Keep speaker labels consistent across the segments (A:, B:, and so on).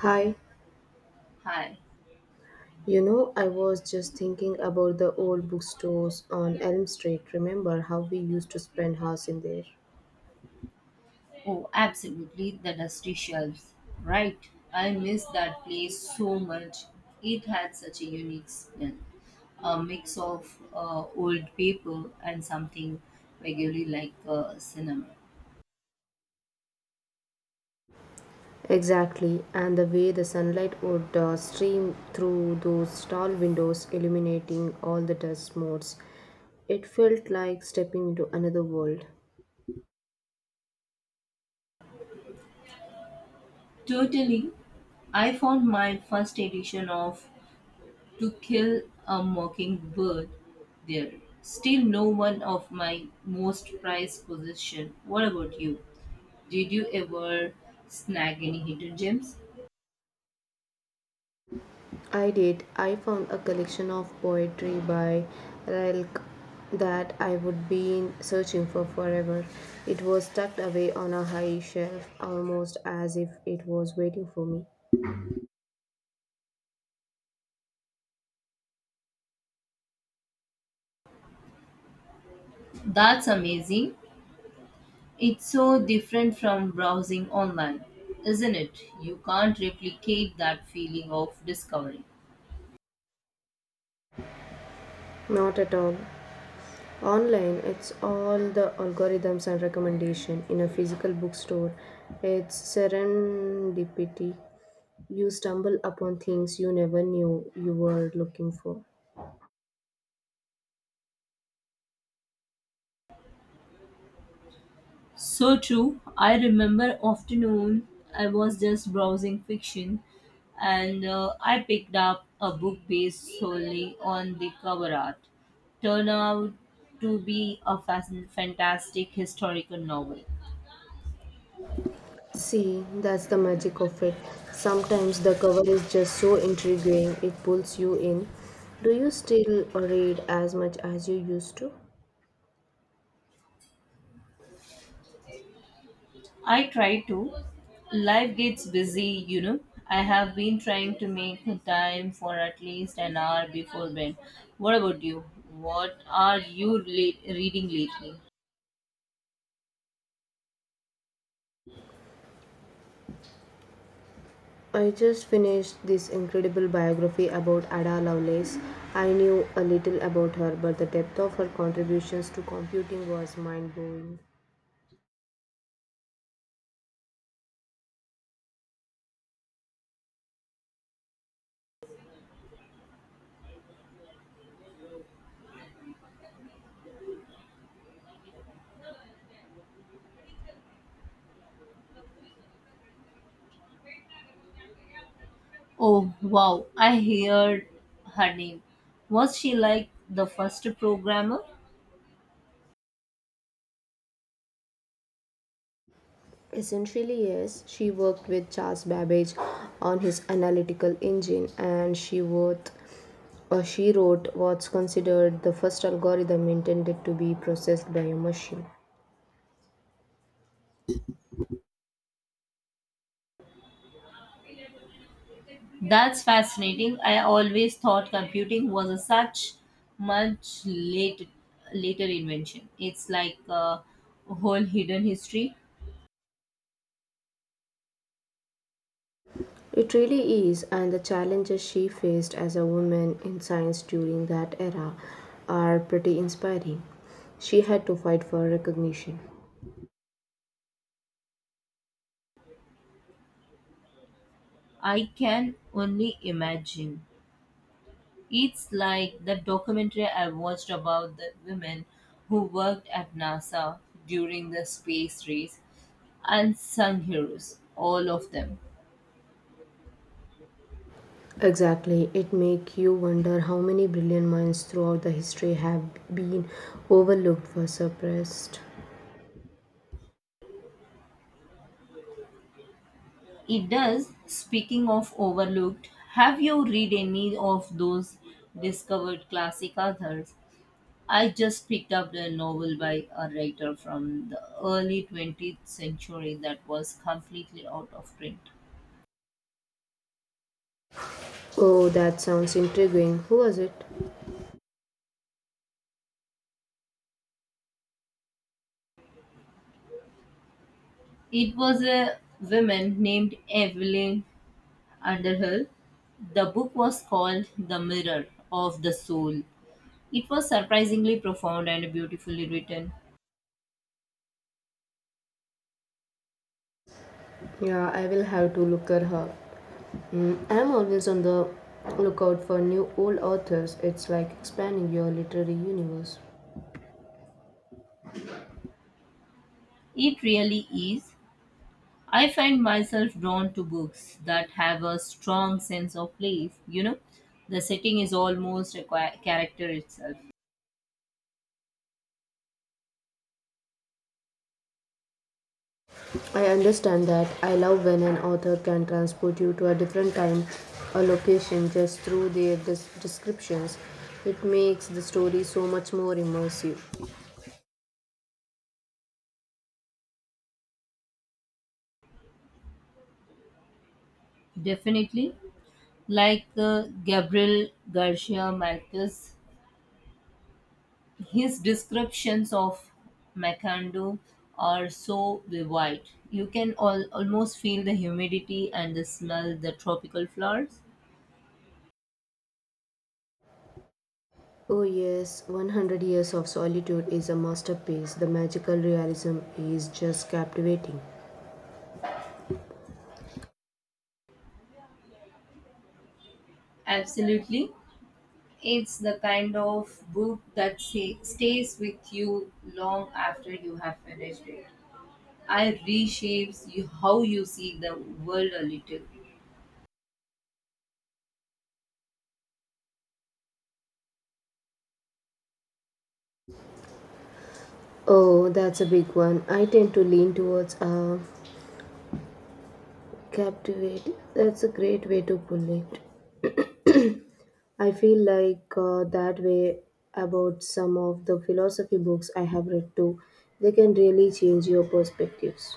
A: Hi,
B: Hi.
A: you know, I was just thinking about the old bookstores on Elm Street. Remember how we used to spend hours in there?
B: Oh, absolutely. The dusty shelves. Right. I miss that place so much. It had such a unique smell. A mix of old paper and something vaguely like cinnamon.
A: Exactly, and the way the sunlight would stream through those tall windows, illuminating all the dust motes. It felt like stepping into another world.
B: Totally. I found my first edition of To Kill a Mockingbird there. Still no one of my most prized possession. What about you? Did you ever snag any hidden gems?
A: I did. I found a collection of poetry by Rilke that I would been searching for forever. It was tucked away on a high shelf, almost as if it was waiting for me.
B: That's amazing. It's so different from browsing online, isn't it? You can't replicate that feeling of discovery.
A: Not at all. Online, it's all the algorithms and recommendation. In a physical bookstore, it's serendipity. You stumble upon things you never knew you were looking for.
B: So true. I remember afternoon I was just browsing fiction and I picked up a book based solely on the cover art. Turned out to be a fantastic historical novel.
A: See, that's the magic of it. Sometimes the cover is just so intriguing, it pulls you in. Do you still read as much as you used to?
B: I try to. Life gets busy, you know. I have been trying to make time for at least an hour before bed. What about you? What are you reading lately?
A: I just finished this incredible biography about Ada Lovelace. I knew a little about her, but the depth of her contributions to computing was mind blowing.
B: Oh, wow. I heard her name. Was she like the first programmer?
A: Essentially, yes, she worked with Charles Babbage on his analytical engine, and she wrote, or she wrote what's considered the first algorithm intended to be processed by a machine.
B: That's fascinating. I always thought computing was a such much late, later invention. It's like a whole hidden history.
A: It really is, and the challenges she faced as a woman in science during that era are pretty inspiring. She had to fight for recognition.
B: I can only imagine. It's like the documentary I watched about the women who worked at NASA during the space race. Unsung heroes, all of them.
A: Exactly, it makes you wonder how many brilliant minds throughout the history have been overlooked or suppressed.
B: It does. Speaking of overlooked, have you read any of those discovered classic authors? I just picked up a novel by a writer from the early 20th century that was completely out of print.
A: Oh, that sounds intriguing. Who was it?
B: It was a woman named Evelyn Underhill. The book was called The Mirror of the Soul. It was surprisingly profound and beautifully written.
A: Yeah, I will have to look at her. I'm always on the lookout for new old authors. It's like expanding your literary universe.
B: It really is. I find myself drawn to books that have a strong sense of place. You know, the setting is almost a character itself.
A: I understand that. I love when an author can transport you to a different time or location just through their descriptions. It makes the story so much more immersive.
B: Definitely. Like Gabriel Garcia Marquez. His descriptions of Makando are so vivid. You can almost feel the humidity and the smell the tropical flowers.
A: Oh, yes, 100 Years of Solitude is a masterpiece. The magical realism is just captivating.
B: Absolutely. It's the kind of book that stays with you long after you have finished it. I reshapes you how you see the world a little.
A: Oh, that's a big one. I tend to lean towards captivate. That's a great way to pull it. I feel like that way about some of the philosophy books I have read too. They can really change your perspectives.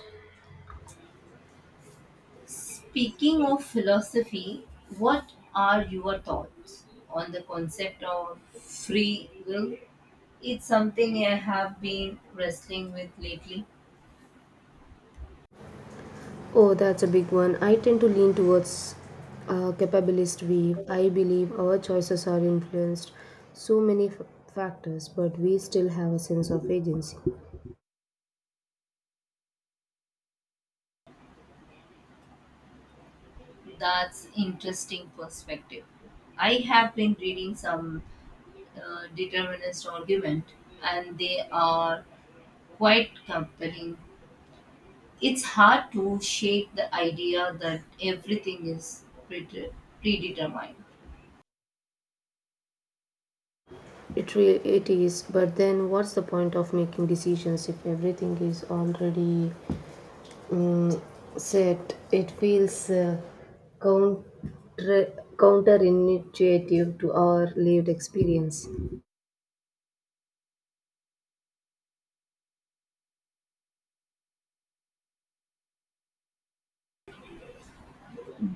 B: Speaking of philosophy, what are your thoughts on the concept of free will? It's something I have been wrestling with lately.
A: Oh, that's a big one. I tend to lean towards a capabilist view. I believe our choices are influenced so many factors, but we still have a sense of agency.
B: That's interesting perspective. I have been reading some determinist argument and they are quite compelling. It's hard to shake the idea that everything is predetermined.
A: It is, but then what's the point of making decisions if everything is already mm, set? It feels counter counterintuitive to our lived experience.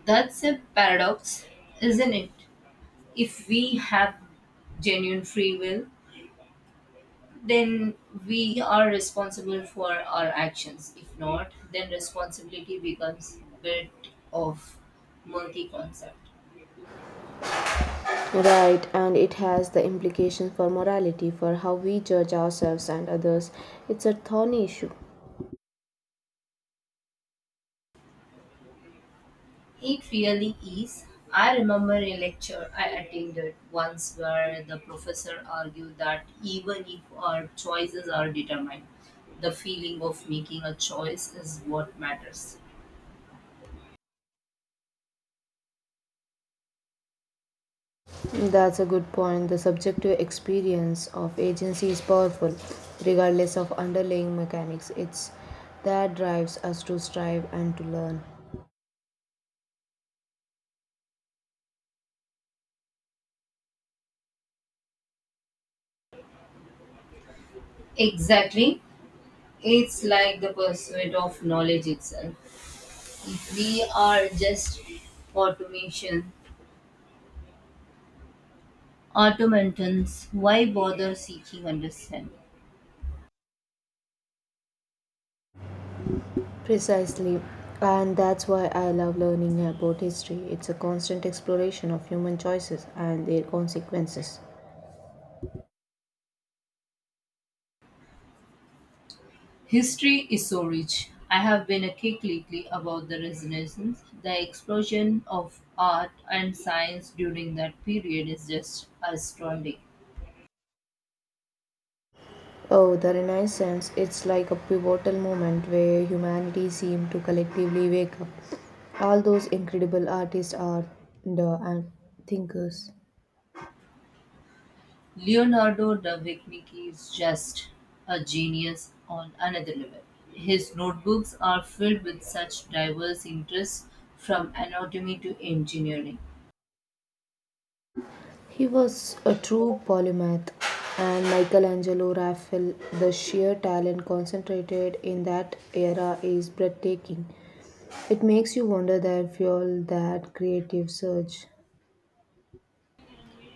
B: That's a paradox, isn't it? If we have genuine free will, then we are responsible for our actions. If not, then responsibility becomes a bit of multi concept.
A: Right, and it has the implication for morality, for how we judge ourselves and others. It's a thorny issue.
B: It really is. I remember a lecture I attended once where the professor argued that even if our choices are determined, the feeling of making a choice is what matters.
A: That's a good point. The subjective experience of agency is powerful, regardless of underlying mechanics. It's that drives us to strive and to learn.
B: Exactly. It's like the pursuit of knowledge itself. If we are just automation, automatons, why bother seeking understanding?
A: Precisely. And that's why I love learning about history. It's a constant exploration of human choices and their consequences.
B: History is so rich. I have been a kick lately about the Renaissance. The explosion of art and science during that period is just astounding.
A: Oh, the Renaissance, it's like a pivotal moment where humanity seemed to collectively wake up. All those incredible artists are the and thinkers.
B: Leonardo da Vinci is just a genius on another level. His notebooks are filled with such diverse interests from anatomy to engineering.
A: He was a true polymath, and Michelangelo Raphael, the sheer talent concentrated in that era is breathtaking. It makes you wonder that fuel that creative surge.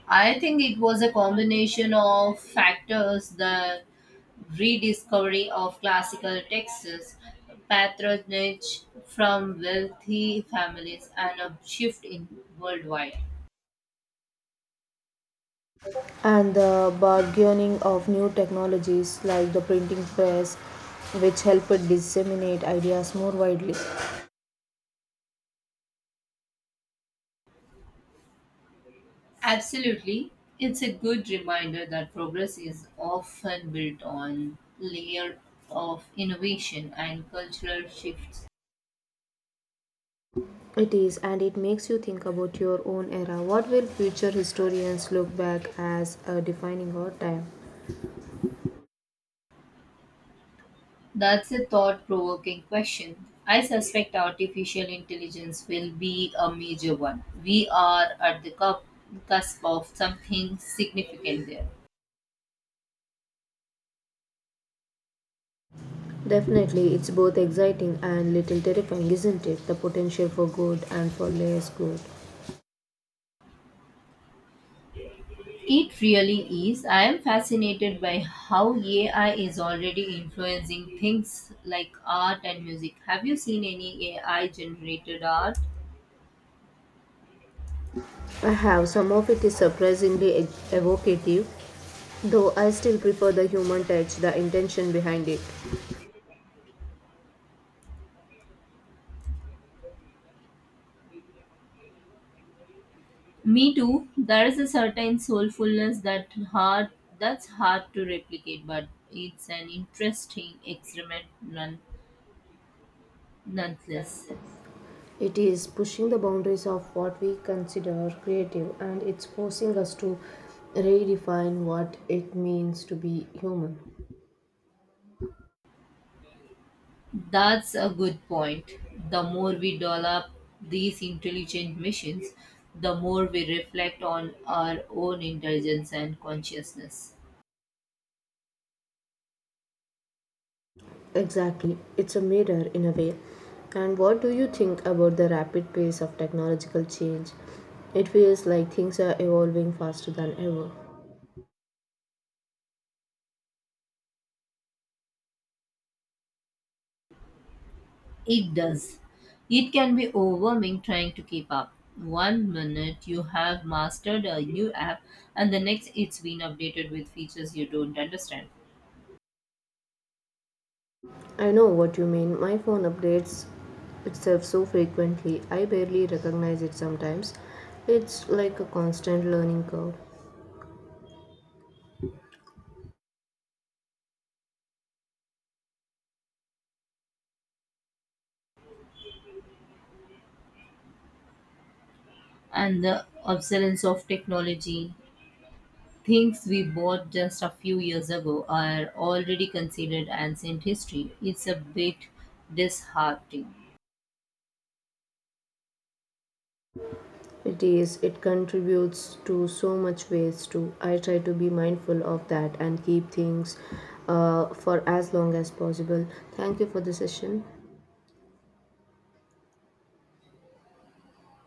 B: I think it was a combination of factors the rediscovery of classical texts, patronage from wealthy families, and a shift in worldwide.
A: And the bargaining of new technologies like the printing press, which helped disseminate ideas more widely.
B: Absolutely. It's a good reminder that progress is often built on layer of innovation and cultural shifts.
A: It is, and it makes you think about your own era. What will future historians look back as a defining our time?
B: That's a thought-provoking question. I suspect artificial intelligence will be a major one. We are at the cusp of something significant there.
A: Definitely, it's both exciting and little terrifying, isn't it? The potential for good and for less good.
B: It really is. I am fascinated by how AI is already influencing things like art and music. Have you seen any AI generated art?
A: I have some of it is surprisingly evocative, though I still prefer the human touch, the intention behind it.
B: Me too. There is a certain soulfulness that hard that's hard to replicate, but it's an interesting experiment none, nonetheless.
A: It is pushing the boundaries of what we consider creative and it's forcing us to redefine what it means to be human.
B: That's a good point. The more we develop these intelligent machines, the more we reflect on our own intelligence and consciousness.
A: Exactly, it's a mirror in a way. And what do you think about the rapid pace of technological change? It feels like things are evolving faster than ever.
B: It does. It can be overwhelming trying to keep up. One minute you have mastered a new app, and the next it's been updated with features you don't understand.
A: I know what you mean. My phone updates itself so frequently, I barely recognize it sometimes. It's like a constant learning curve.
B: And the obsolescence of technology. Things we bought just a few years ago are already considered ancient history. It's a bit disheartening.
A: It is, it contributes to so much waste too. I try to be mindful of that and keep things for as long as possible. Thank you for the session.